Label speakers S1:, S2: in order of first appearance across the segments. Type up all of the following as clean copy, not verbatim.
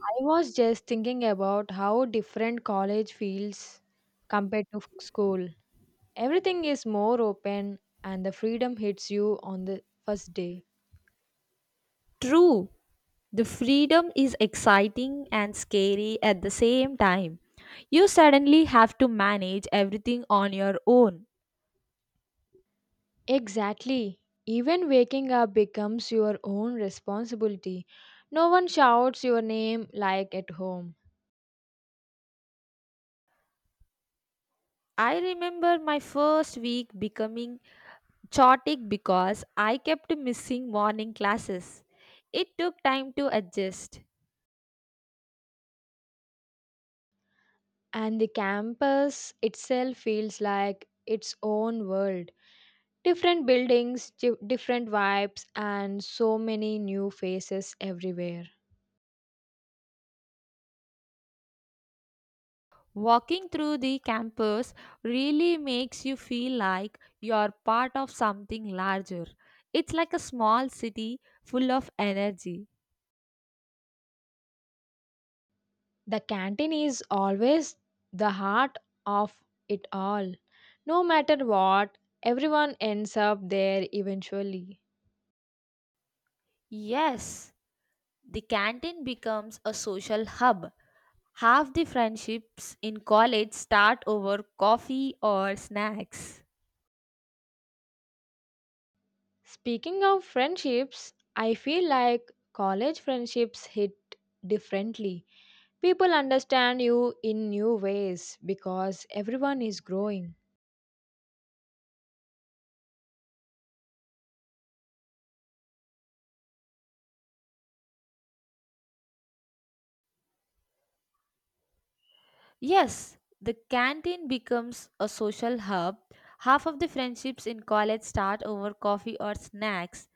S1: I was just thinking about how different college feels compared to school. Everything is more open and the freedom hits you on the first day.
S2: True, the freedom is exciting and scary at the same time. You suddenly have to manage everything on your own.
S1: Exactly. Even waking up becomes your own responsibility. No one shouts your name like at home.
S2: I remember my first week becoming chaotic because I kept missing morning classes. It took time to adjust.
S1: And the campus itself feels like its own world. Different buildings, different vibes, and so many new faces everywhere.
S2: Walking through the campus really makes you feel like you're part of something larger. It's like a small city full of energy.
S1: The canteen is always the heart of it all. No matter what, everyone ends up there eventually.
S2: Yes, the canteen becomes a social hub. Half the friendships in college start over coffee or snacks.
S1: Speaking of friendships, I feel like college friendships hit differently. People understand you in new ways because everyone is growing.
S2: Yes, the canteen becomes a social hub. Half of the friendships in college start over coffee or snacks.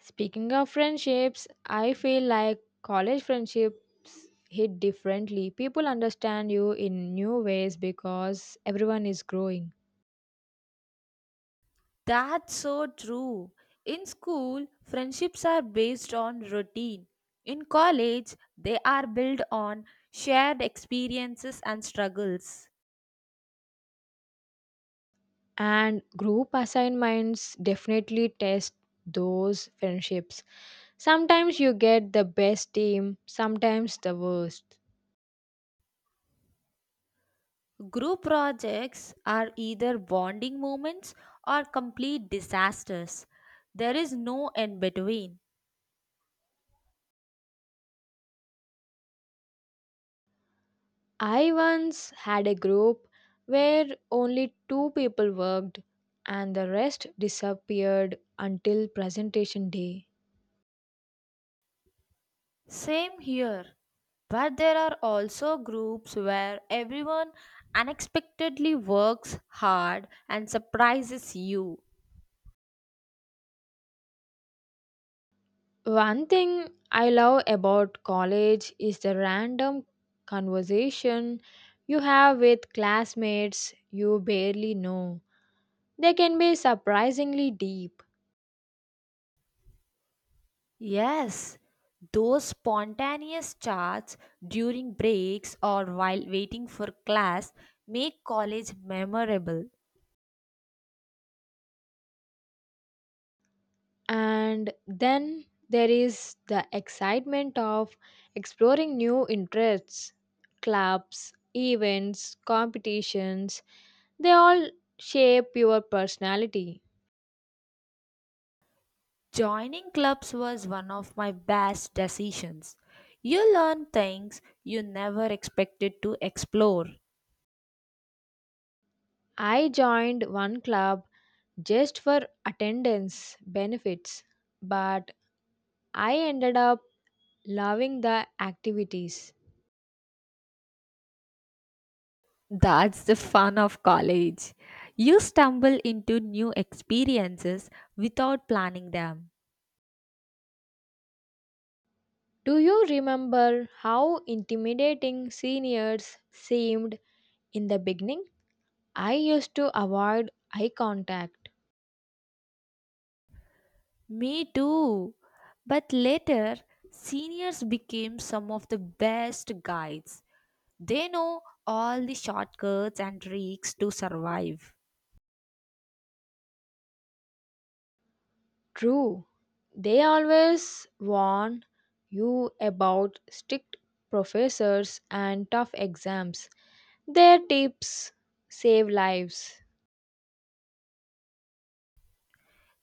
S1: Speaking of friendships, I feel like college friendships hit differently. People understand you in new ways because everyone is growing.
S2: That's so true. In school, friendships are based on routine. In college, they are built on shared experiences and struggles.
S1: And group assignments definitely test those friendships. Sometimes you get the best team, sometimes the worst.
S2: Group projects are either bonding moments or complete disasters. There is no in between.
S1: I once had a group where only two people worked and the rest disappeared until presentation day.
S2: Same here. But there are also groups where everyone unexpectedly works hard and surprises you.
S1: One thing I love about college is the random conversation you have with classmates you barely know. They can be surprisingly deep.
S2: Yes, those spontaneous chats during breaks or while waiting for class make college memorable.
S1: And then there is the excitement of exploring new interests, clubs, events, competitions. They all shape your personality.
S2: Joining clubs was one of my best decisions. You learn things you never expected to explore.
S1: I joined one club just for attendance benefits, but I ended up loving the activities.
S2: That's the fun of college. You stumble into new experiences without planning them.
S1: Do you remember how intimidating seniors seemed in the beginning? I used to avoid eye contact.
S2: Me too. But later, seniors became some of the best guides. They know all the shortcuts and tricks to survive.
S1: True. They always warn you about strict professors and tough exams. Their tips save lives.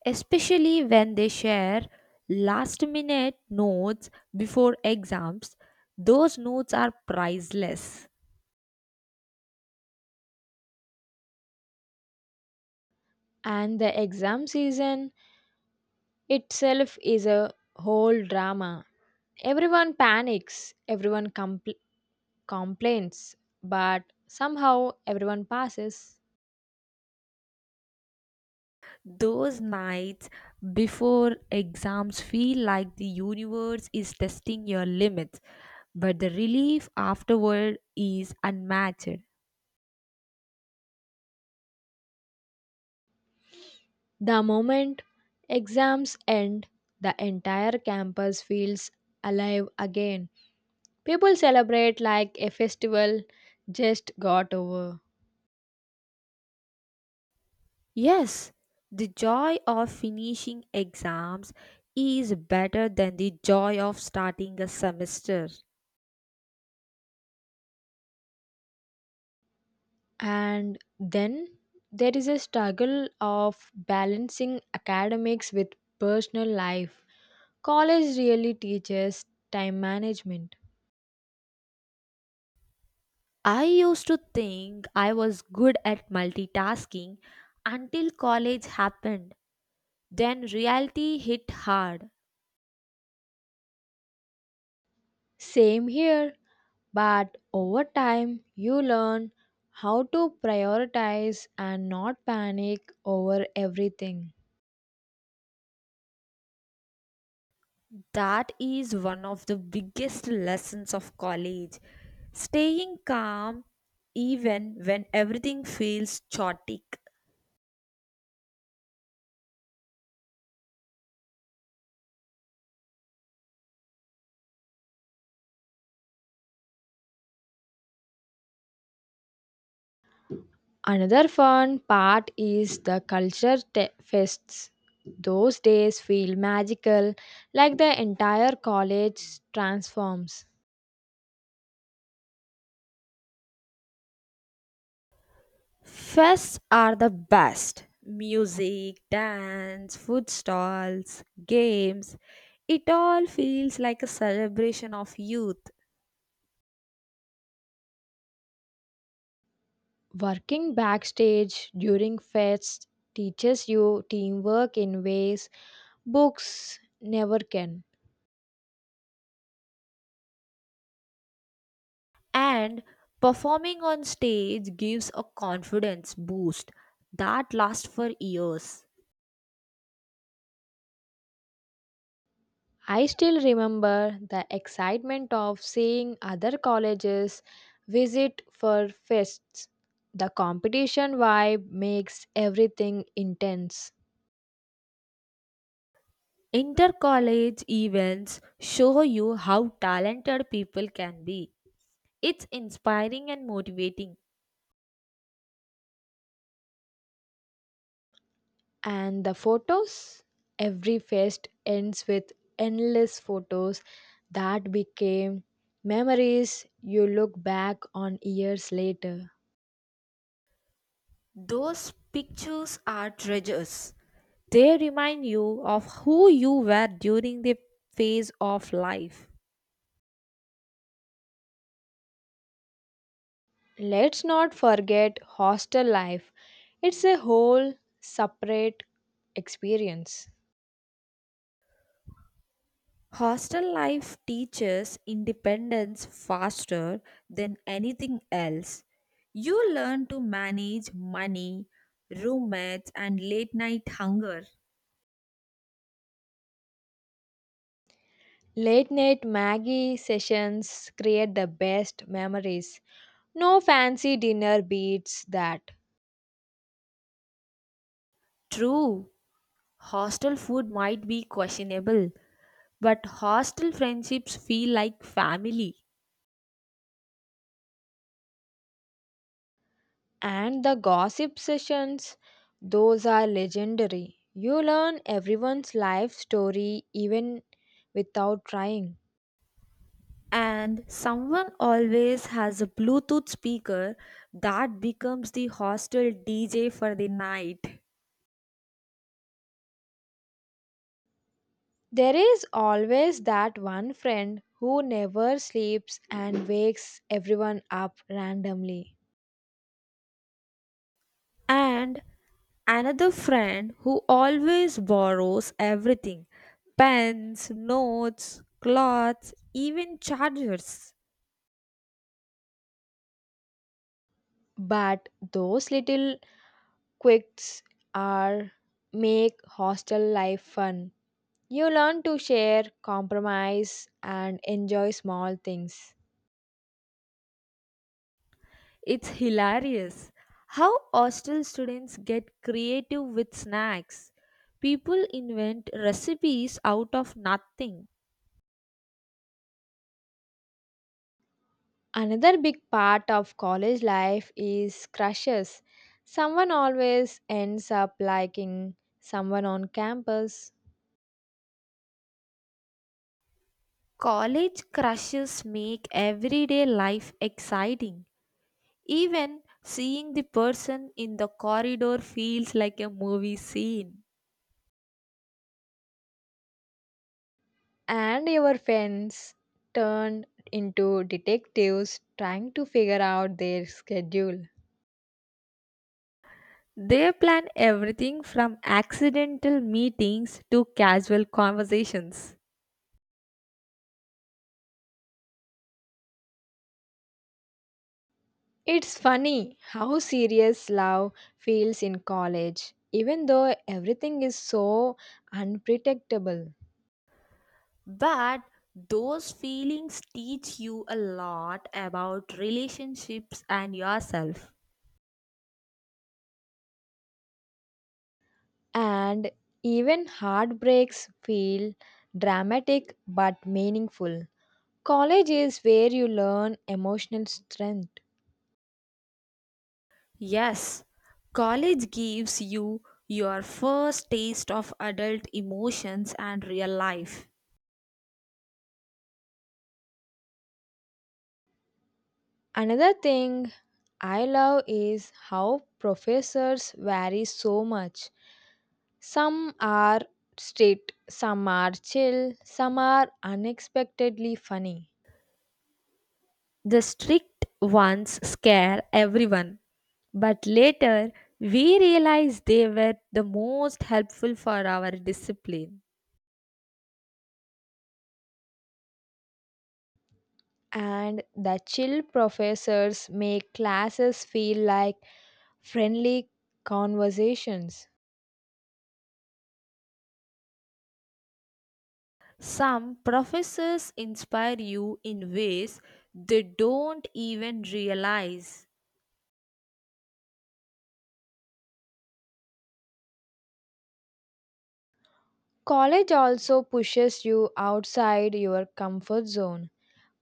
S2: Especially when they share last minute notes before exams. Those notes are priceless.
S1: And the exam season itself is a whole drama. Everyone panics, everyone complains, but somehow everyone passes.
S2: Those nights before exams feel like the universe is testing your limits, but the relief afterward is unmatched.
S1: The moment exams end, the entire campus feels alive again. People celebrate like a festival just got over.
S2: Yes, the joy of finishing exams is better than the joy of starting a semester.
S1: And then there is a struggle of balancing academics with personal life. College really teaches time management.
S2: I used to think I was good at multitasking until college happened. Then reality hit hard.
S1: Same here. But over time, you learn how to prioritize and not panic over everything.
S2: That is one of the biggest lessons of college. Staying calm even when everything feels chaotic.
S1: Another fun part is the culture fests. Those days feel magical, like the entire college transforms.
S2: Fests are the best. Music, dance, food stalls, games. It all feels like a celebration of youth.
S1: Working backstage during fests teaches you teamwork in ways books never can.
S2: And performing on stage gives a confidence boost that lasts for years.
S1: I still remember the excitement of seeing other colleges visit for fests. The competition vibe makes everything intense.
S2: Inter college events show you how talented people can be. It's inspiring and motivating.
S1: And the photos? Every fest ends with endless photos that became memories you look back on years later.
S2: Those pictures are treasures. They remind you of who you were during the phase of life.
S1: Let's not forget hostel life, it's a whole separate experience.
S2: Hostel life teaches independence faster than anything else. You learn to manage money, roommates, and late night hunger.
S1: Late night Maggie sessions create the best memories. No fancy dinner beats that.
S2: True, hostel food might be questionable, but hostel friendships feel like family.
S1: And the gossip sessions, those are legendary. You learn everyone's life story even without trying.
S2: And someone always has a Bluetooth speaker that becomes the hostel DJ for the night.
S1: There is always that one friend who never sleeps and wakes everyone up randomly.
S2: And another friend who always borrows everything: pens, notes, clothes, even chargers.
S1: But those little quirks are make hostel life fun. You learn to share, compromise, and enjoy small things.
S2: It's hilarious how hostel students get creative with snacks. People invent recipes out of nothing.
S1: Another big part of college life is crushes. Someone always ends up liking someone on campus,
S2: College crushes make everyday life exciting. Even seeing the person in the corridor feels like a movie scene.
S1: and your friends turn into detectives trying to figure out their schedule.
S2: They plan everything from accidental meetings to casual conversations.
S1: It's funny how serious love feels in college, even though everything is so unpredictable.
S2: But those feelings teach you a lot about relationships and yourself.
S1: And even heartbreaks feel dramatic but meaningful. College is where you learn emotional strength.
S2: Yes, college gives you your first taste of adult emotions and real life.
S1: Another thing I love is how professors vary so much. Some are strict, some are chill, some are unexpectedly funny.
S2: The strict ones scare everyone, but later we realize they were the most helpful for our discipline.
S1: And the chill professors make classes feel like friendly conversations.
S2: Some professors inspire you in ways they don't even realize.
S1: College also pushes you outside your comfort zone.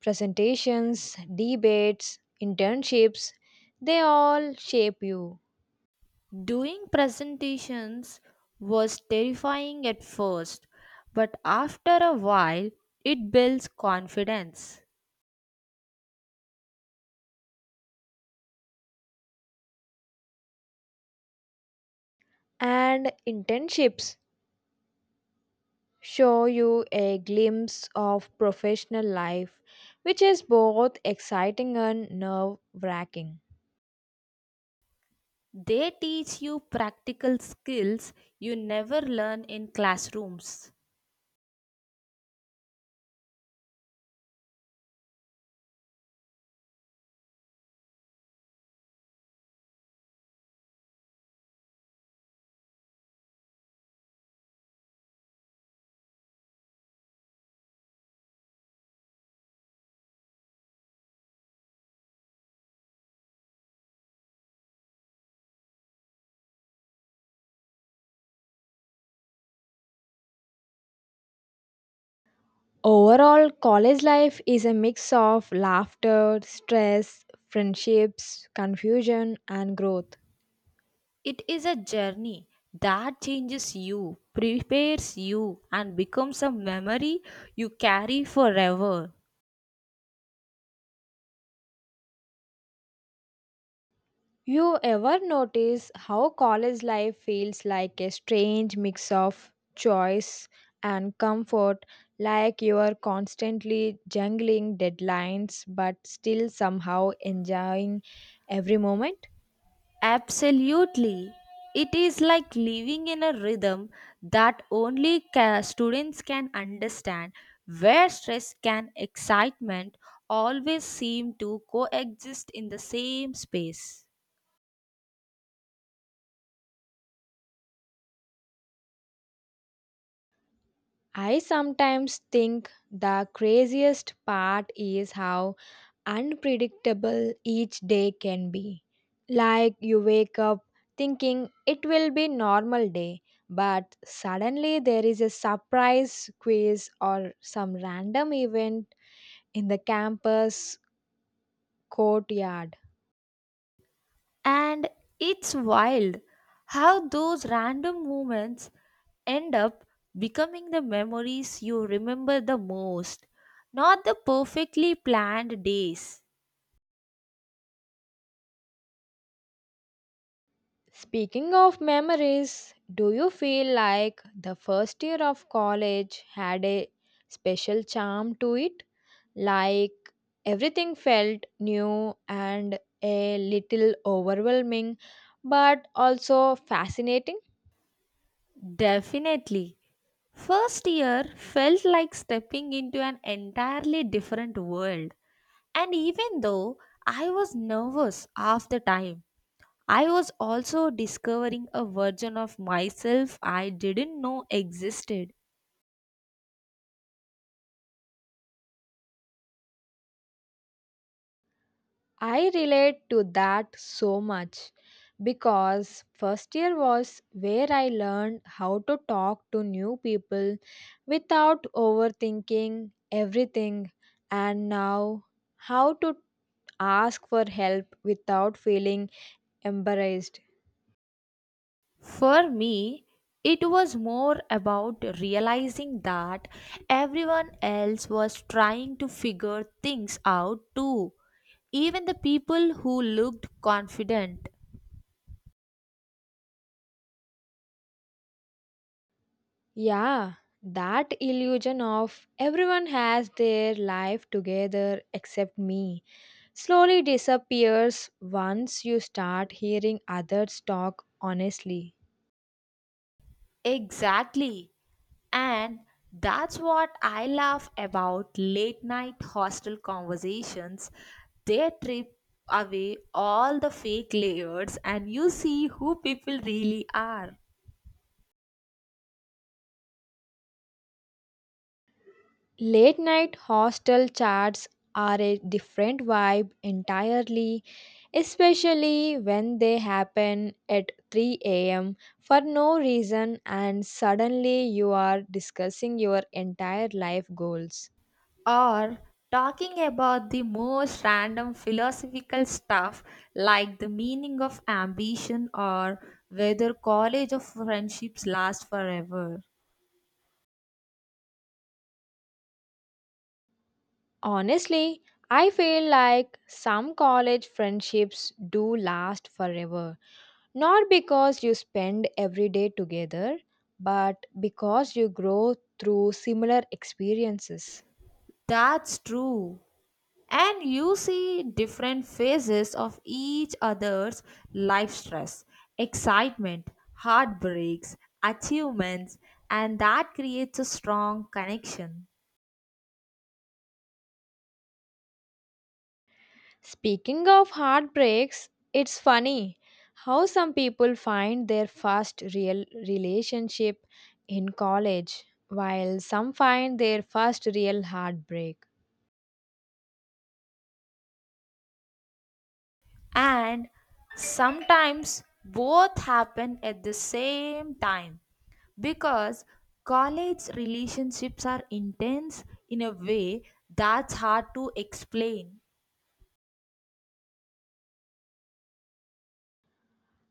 S1: Presentations, debates, internships, they all shape you.
S2: Doing presentations was terrifying at first, but after a while, it builds confidence.
S1: And internships show you a glimpse of professional life, which is both exciting and nerve wracking.
S2: They teach you practical skills you never learn in classrooms.
S1: Overall, college life is a mix of laughter, stress, friendships, confusion, and growth.
S2: It is a journey that changes you, prepares you, and becomes a memory you carry forever.
S1: You ever notice how college life feels like a strange mix of choice and comfort, like you are constantly juggling deadlines but still somehow enjoying every moment?
S2: Absolutely. It is like living in a rhythm that only students can understand, where stress and excitement always seem to coexist in the same space.
S1: I sometimes think the craziest part is how unpredictable each day can be. Like you wake up thinking it will be normal day, but suddenly there is a surprise quiz or some random event in the campus courtyard.
S2: And it's wild how those random moments end up becoming the memories you remember the most, not the perfectly planned days.
S1: Speaking of memories, do you feel like the first year of college had a special charm to it? Like everything felt new and a little overwhelming, but also fascinating?
S2: Definitely. First year felt like stepping into an entirely different world. And even though I was nervous half the time, I was also discovering a version of myself I didn't know existed.
S1: I relate to that so much because first year was where I learned how to talk to new people without overthinking everything and now how to ask for help without feeling embarrassed.
S2: For me, it was more about realizing that everyone else was trying to figure things out too, even the people who looked confident.
S1: Yeah, that illusion of everyone has their life together except me slowly disappears once you start hearing others talk honestly.
S2: Exactly. And that's what I laugh about late night hostel conversations. They trip away all the fake layers and you see who people really are.
S1: Late night hostel chats are a different vibe entirely, especially when they happen at 3 a.m. for no reason and suddenly you are discussing your entire life goals.
S2: Or talking about the most random philosophical stuff like the meaning of ambition or whether college or friendships last forever.
S1: Honestly, I feel like some college friendships do last forever, not because you spend every day together, but because you grow through similar experiences.
S2: That's true. And you see different phases of each other's life: stress, excitement, heartbreaks, achievements, and that creates a strong connection.
S1: Speaking of heartbreaks, it's funny how some people find their first real relationship in college, while some find their first real heartbreak.
S2: And sometimes both happen at the same time because college relationships are intense in a way that's hard to explain.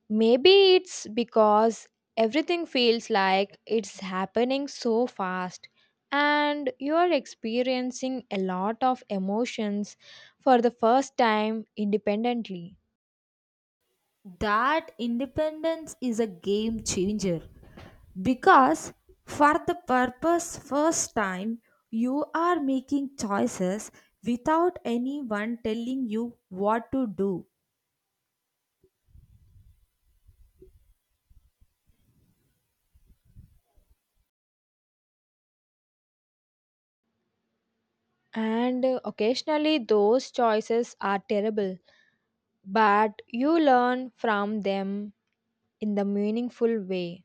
S1: Maybe it's because everything feels like it's happening so fast and you're experiencing a lot of emotions for the first time independently.
S2: That independence is a game changer, because for the purpose first time you are making choices without anyone telling you what to do.
S1: And occasionally, those choices are terrible but you learn from them in the meaningful way.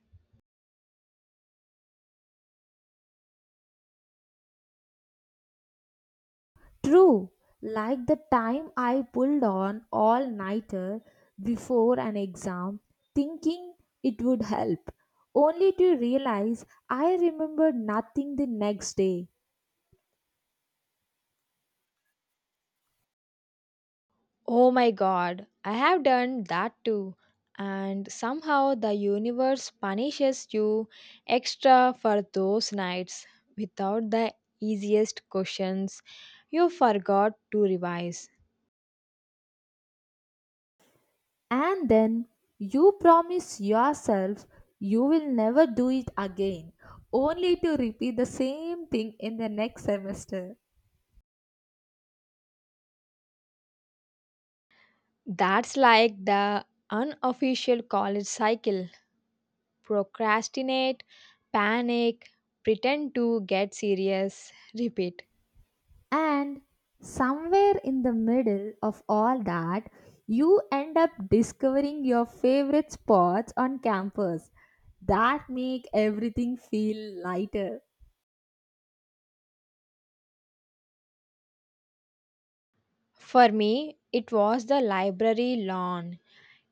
S2: True, like the time I pulled on all nighter before an exam, thinking it would help, only to realize I remembered nothing the next day.
S1: Oh my god, I have done that too. And somehow the universe punishes you extra for those nights without the easiest questions you forgot to revise.
S2: And then you promise yourself you will never do it again, only to repeat the same thing in the next semester.
S1: That's like the unofficial college cycle procrastinate, panic, pretend to get serious, repeat.
S2: And somewhere in the middle of all that, you end up discovering your favorite spots on campus that make everything feel lighter.
S1: For me, it was the library lawn.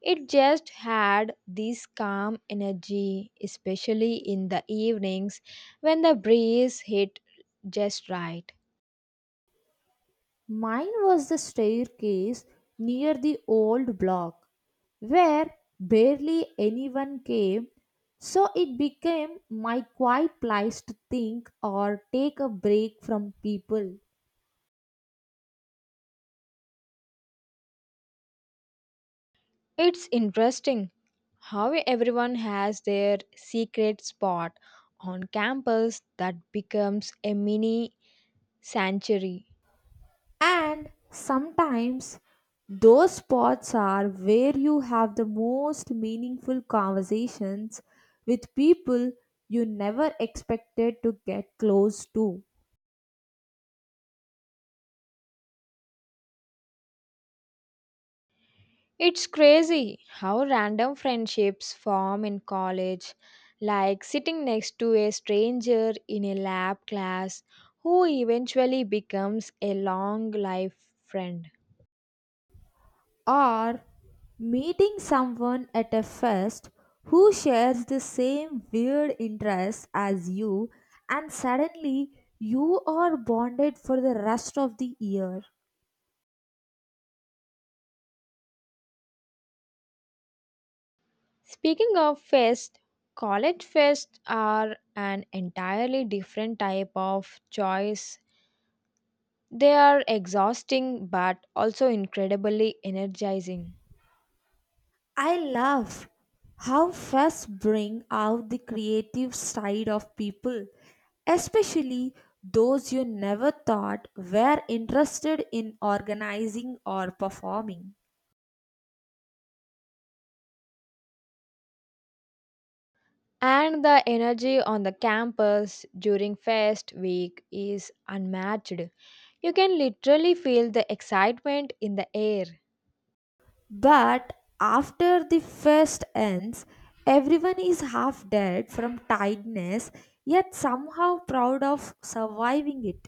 S1: It just had this calm energy, especially in the evenings when the breeze hit just right.
S2: Mine was the staircase near the old block, where barely anyone came, so it became my quiet place to think or take a break from people.
S1: It's interesting how everyone has their secret spot on campus that becomes a mini sanctuary.
S2: And sometimes those spots are where you have the most meaningful conversations with people you never expected to get close to.
S1: It's crazy how random friendships form in college, like sitting next to a stranger in a lab class who eventually becomes a long life friend.
S2: Or meeting someone at a fest who shares the same weird interest as you, and suddenly you are bonded for the rest of the year.
S1: Speaking of fest, college fests are an entirely different type of choice. They are exhausting but also incredibly energizing.
S2: I love how fests bring out the creative side of people, especially those you never thought were interested in organizing or performing.
S1: And the energy on the campus during fest week is unmatched. You can literally feel the excitement in the air.
S2: But after the fest ends, everyone is half dead from tiredness, yet somehow proud of surviving it.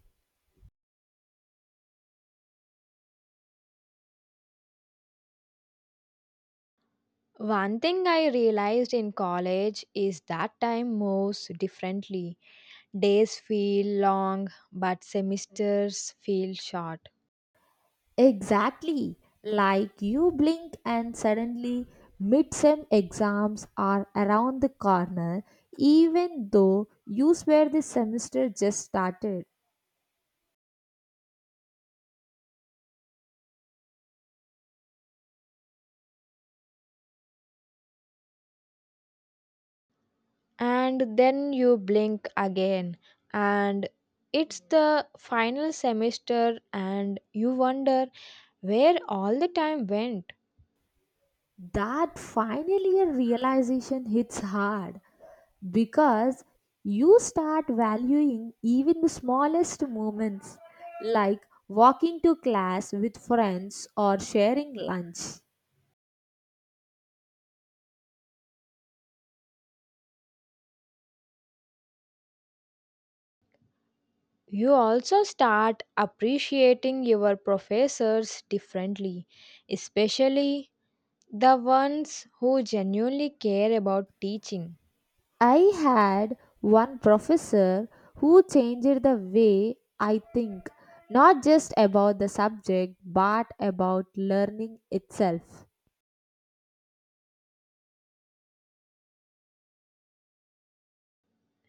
S1: One thing I realized in college is that time moves differently. Days feel long, but semesters feel short.
S2: Exactly. Like you blink and suddenly midsem exams are around the corner, even though you swear the semester just started.
S1: And then you blink again, and it's the final semester, and you wonder where all the time went.
S2: That final year realization hits hard, because you start valuing even the smallest moments like walking to class with friends or sharing lunch.
S1: You also start appreciating your professors differently, especially the ones who genuinely care about teaching.
S2: I had one professor who changed the way I think, not just about the subject but about learning itself.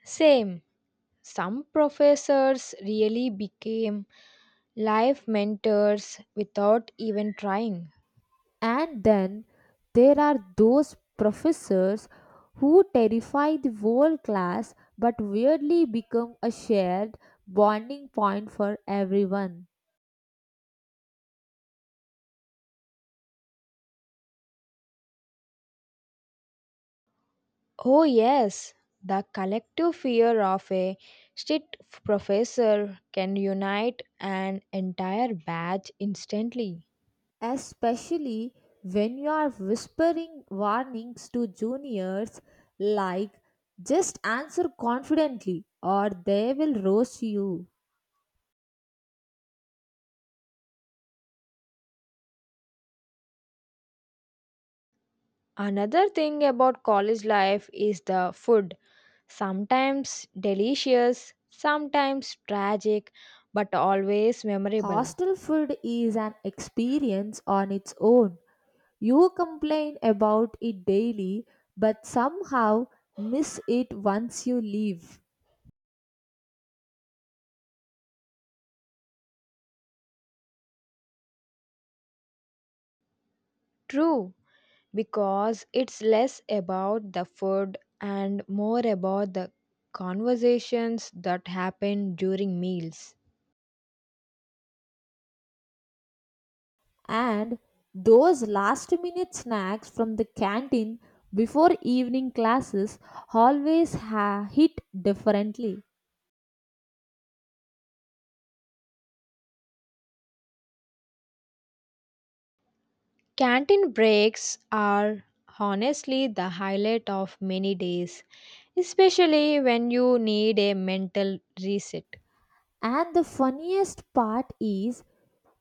S1: Same. Some professors really became life mentors without even trying.
S2: And then there are those professors who terrify the whole class but weirdly become a shared bonding point for everyone.
S1: Oh, yes, the collective fear of a strict professor can unite an entire batch instantly.
S2: Especially when you are whispering warnings to juniors like, just answer confidently or they will roast you.
S1: Another thing about college life is the food. Sometimes delicious, sometimes tragic, but always memorable.
S2: Hostel food is an experience on its own. You complain about it daily, but somehow miss it once you leave.
S1: True, because it's less about the food and more about the conversations that happen during meals.
S2: And those last minute snacks from the canteen before evening classes always hit differently.
S1: Canteen breaks are honestly the highlight of many days, especially when you need a mental reset.
S2: And the funniest part is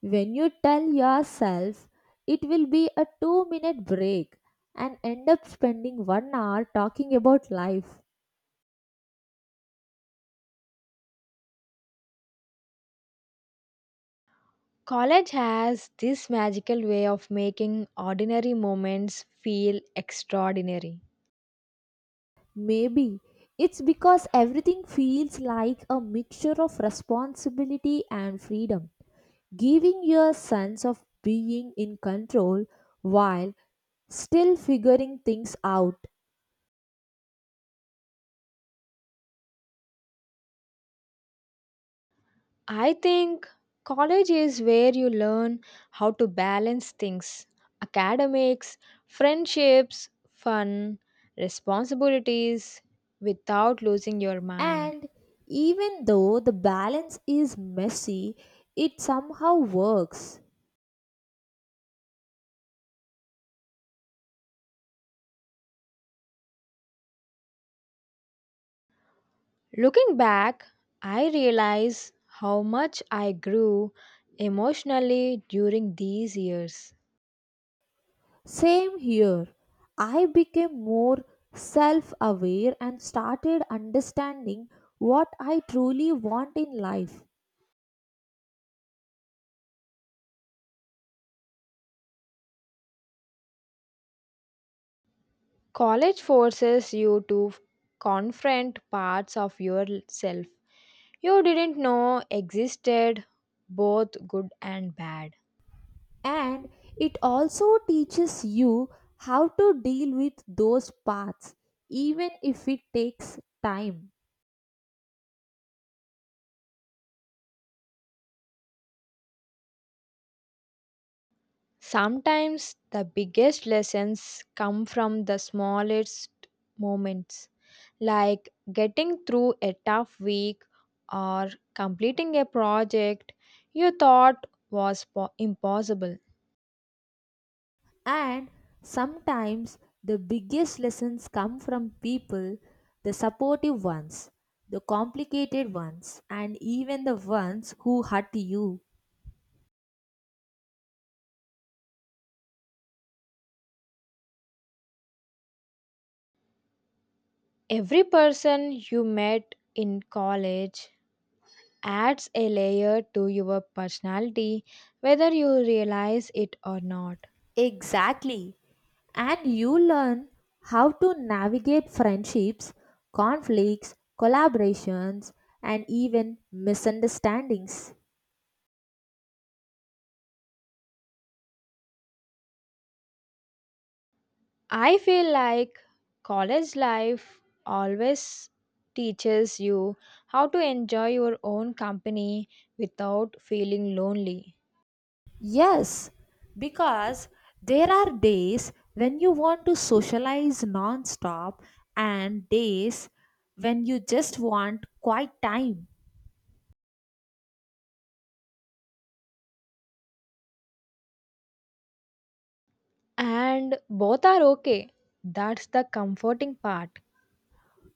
S2: when you tell yourself it will be a 2-minute break and end up spending one hour talking about life.
S1: College has this magical way of making ordinary moments feel extraordinary.
S2: Maybe it's because everything feels like a mixture of responsibility and freedom, giving you a sense of being in control while still figuring things out.
S1: I think college is where you learn how to balance things academics, friendships, fun, responsibilities without losing your mind.
S2: And even though the balance is messy, it somehow works.
S1: Looking back, I realize how much I grew emotionally during these years.
S2: Same here. I became more self aware and started understanding what I truly want in life.
S1: College forces you to confront parts of yourself you didn't know existed, both good and bad.
S2: And it also teaches you how to deal with those paths, even if it takes time.
S1: Sometimes the biggest lessons come from the smallest moments, like getting through a tough week or completing a project you thought was impossible.
S2: And sometimes the biggest lessons come from people: the supportive ones, the complicated ones, and even the ones who hurt you.
S1: Every person you met in college adds a layer to your personality, whether you realize it or not.
S2: Exactly. And you learn how to navigate friendships, conflicts, collaborations, and even misunderstandings.
S1: I feel like college life always teaches you how to enjoy your own company without feeling lonely.
S2: Yes, because there are days when you want to socialize non-stop and days when you just want quiet time.
S1: And both are okay. That's the comforting part.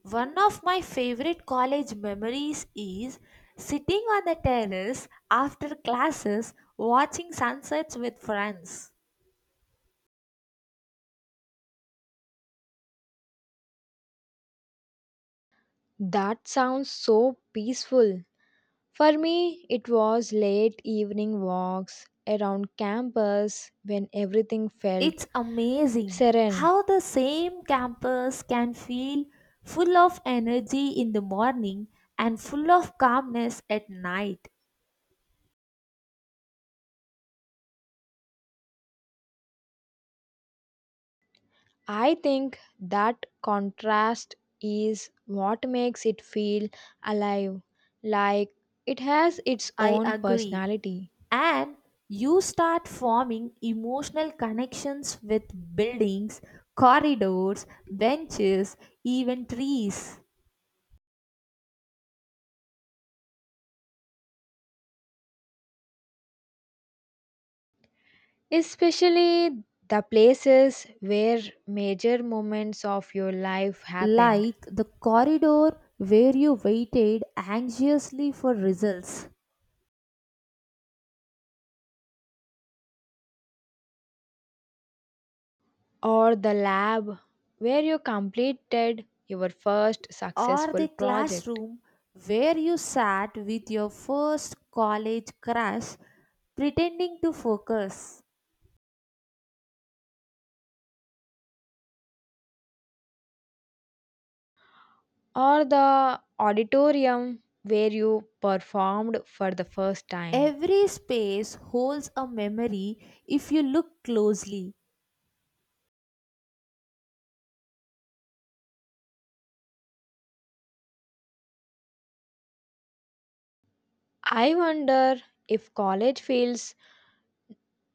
S2: One of my favorite college memories is sitting on the terrace after classes watching sunsets with friends.
S1: That sounds so peaceful. For me, it was late evening walks around campus when everything felt
S2: It's amazing
S1: serene.
S2: how the same campus can feel full of energy in the morning and full of calmness at night.
S1: I think that contrast is what makes it feel alive, like it has its
S2: I
S1: own
S2: agree.
S1: personality.
S2: And you start forming emotional connections with buildings, corridors, benches, even trees.
S1: Especially the places where major moments of your life happened,
S2: Like the corridor where you waited anxiously for results,
S1: or the lab where you completed your first
S2: or the
S1: successful project,
S2: classroom where you sat with your first college crush pretending to focus.
S1: or the auditorium where you performed for the first time.
S2: Every space holds a memory if you look closely.
S1: I wonder if college feels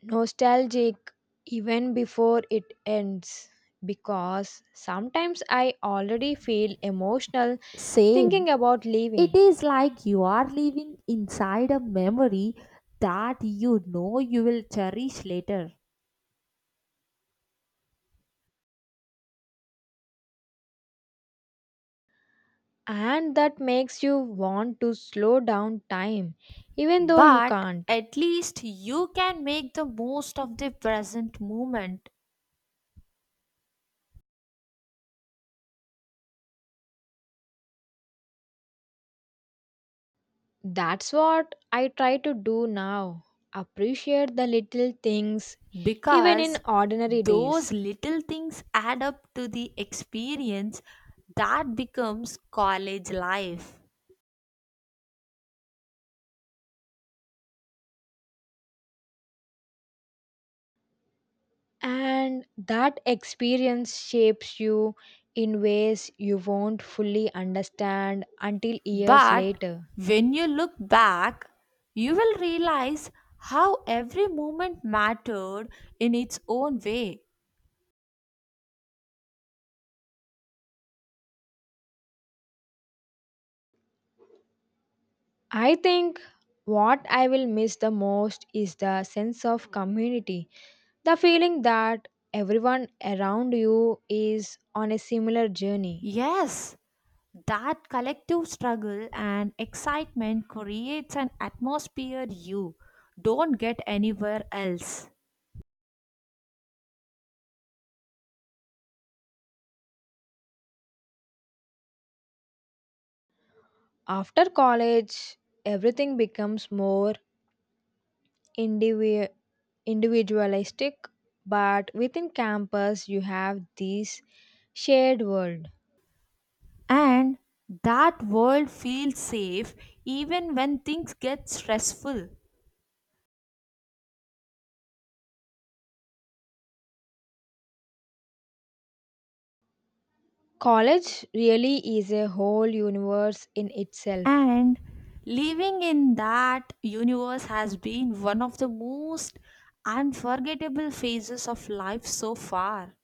S1: nostalgic even before it ends because sometimes I already feel emotional
S2: Same.
S1: thinking about
S2: It
S1: leaving,
S2: is like you are living inside a memory that you know you will cherish later.
S1: and that makes you want to slow down time even though you
S2: But
S1: can't.
S2: at least you can make the most of the present moment,
S1: That's what I try to do now appreciate the little things even in
S2: because
S1: ordinary
S2: those
S1: days.
S2: little things add up to the experience that becomes college life.
S1: And that experience shapes you in ways you won't fully understand until years
S2: But
S1: later.
S2: when you look back, you will realize how every moment mattered in its own way.
S1: I think what I will miss the most is the sense of community. The feeling that everyone around you is on a similar journey.
S2: Yes, that collective struggle and excitement creates an atmosphere you don't get anywhere else.
S1: After college, everything becomes more indivi- individualistic, but within campus, you have this shared world.
S2: And that world feels safe even when things get stressful.
S1: College really is a whole universe in itself.
S2: And living in that universe has been one of the most unforgettable phases of life so far.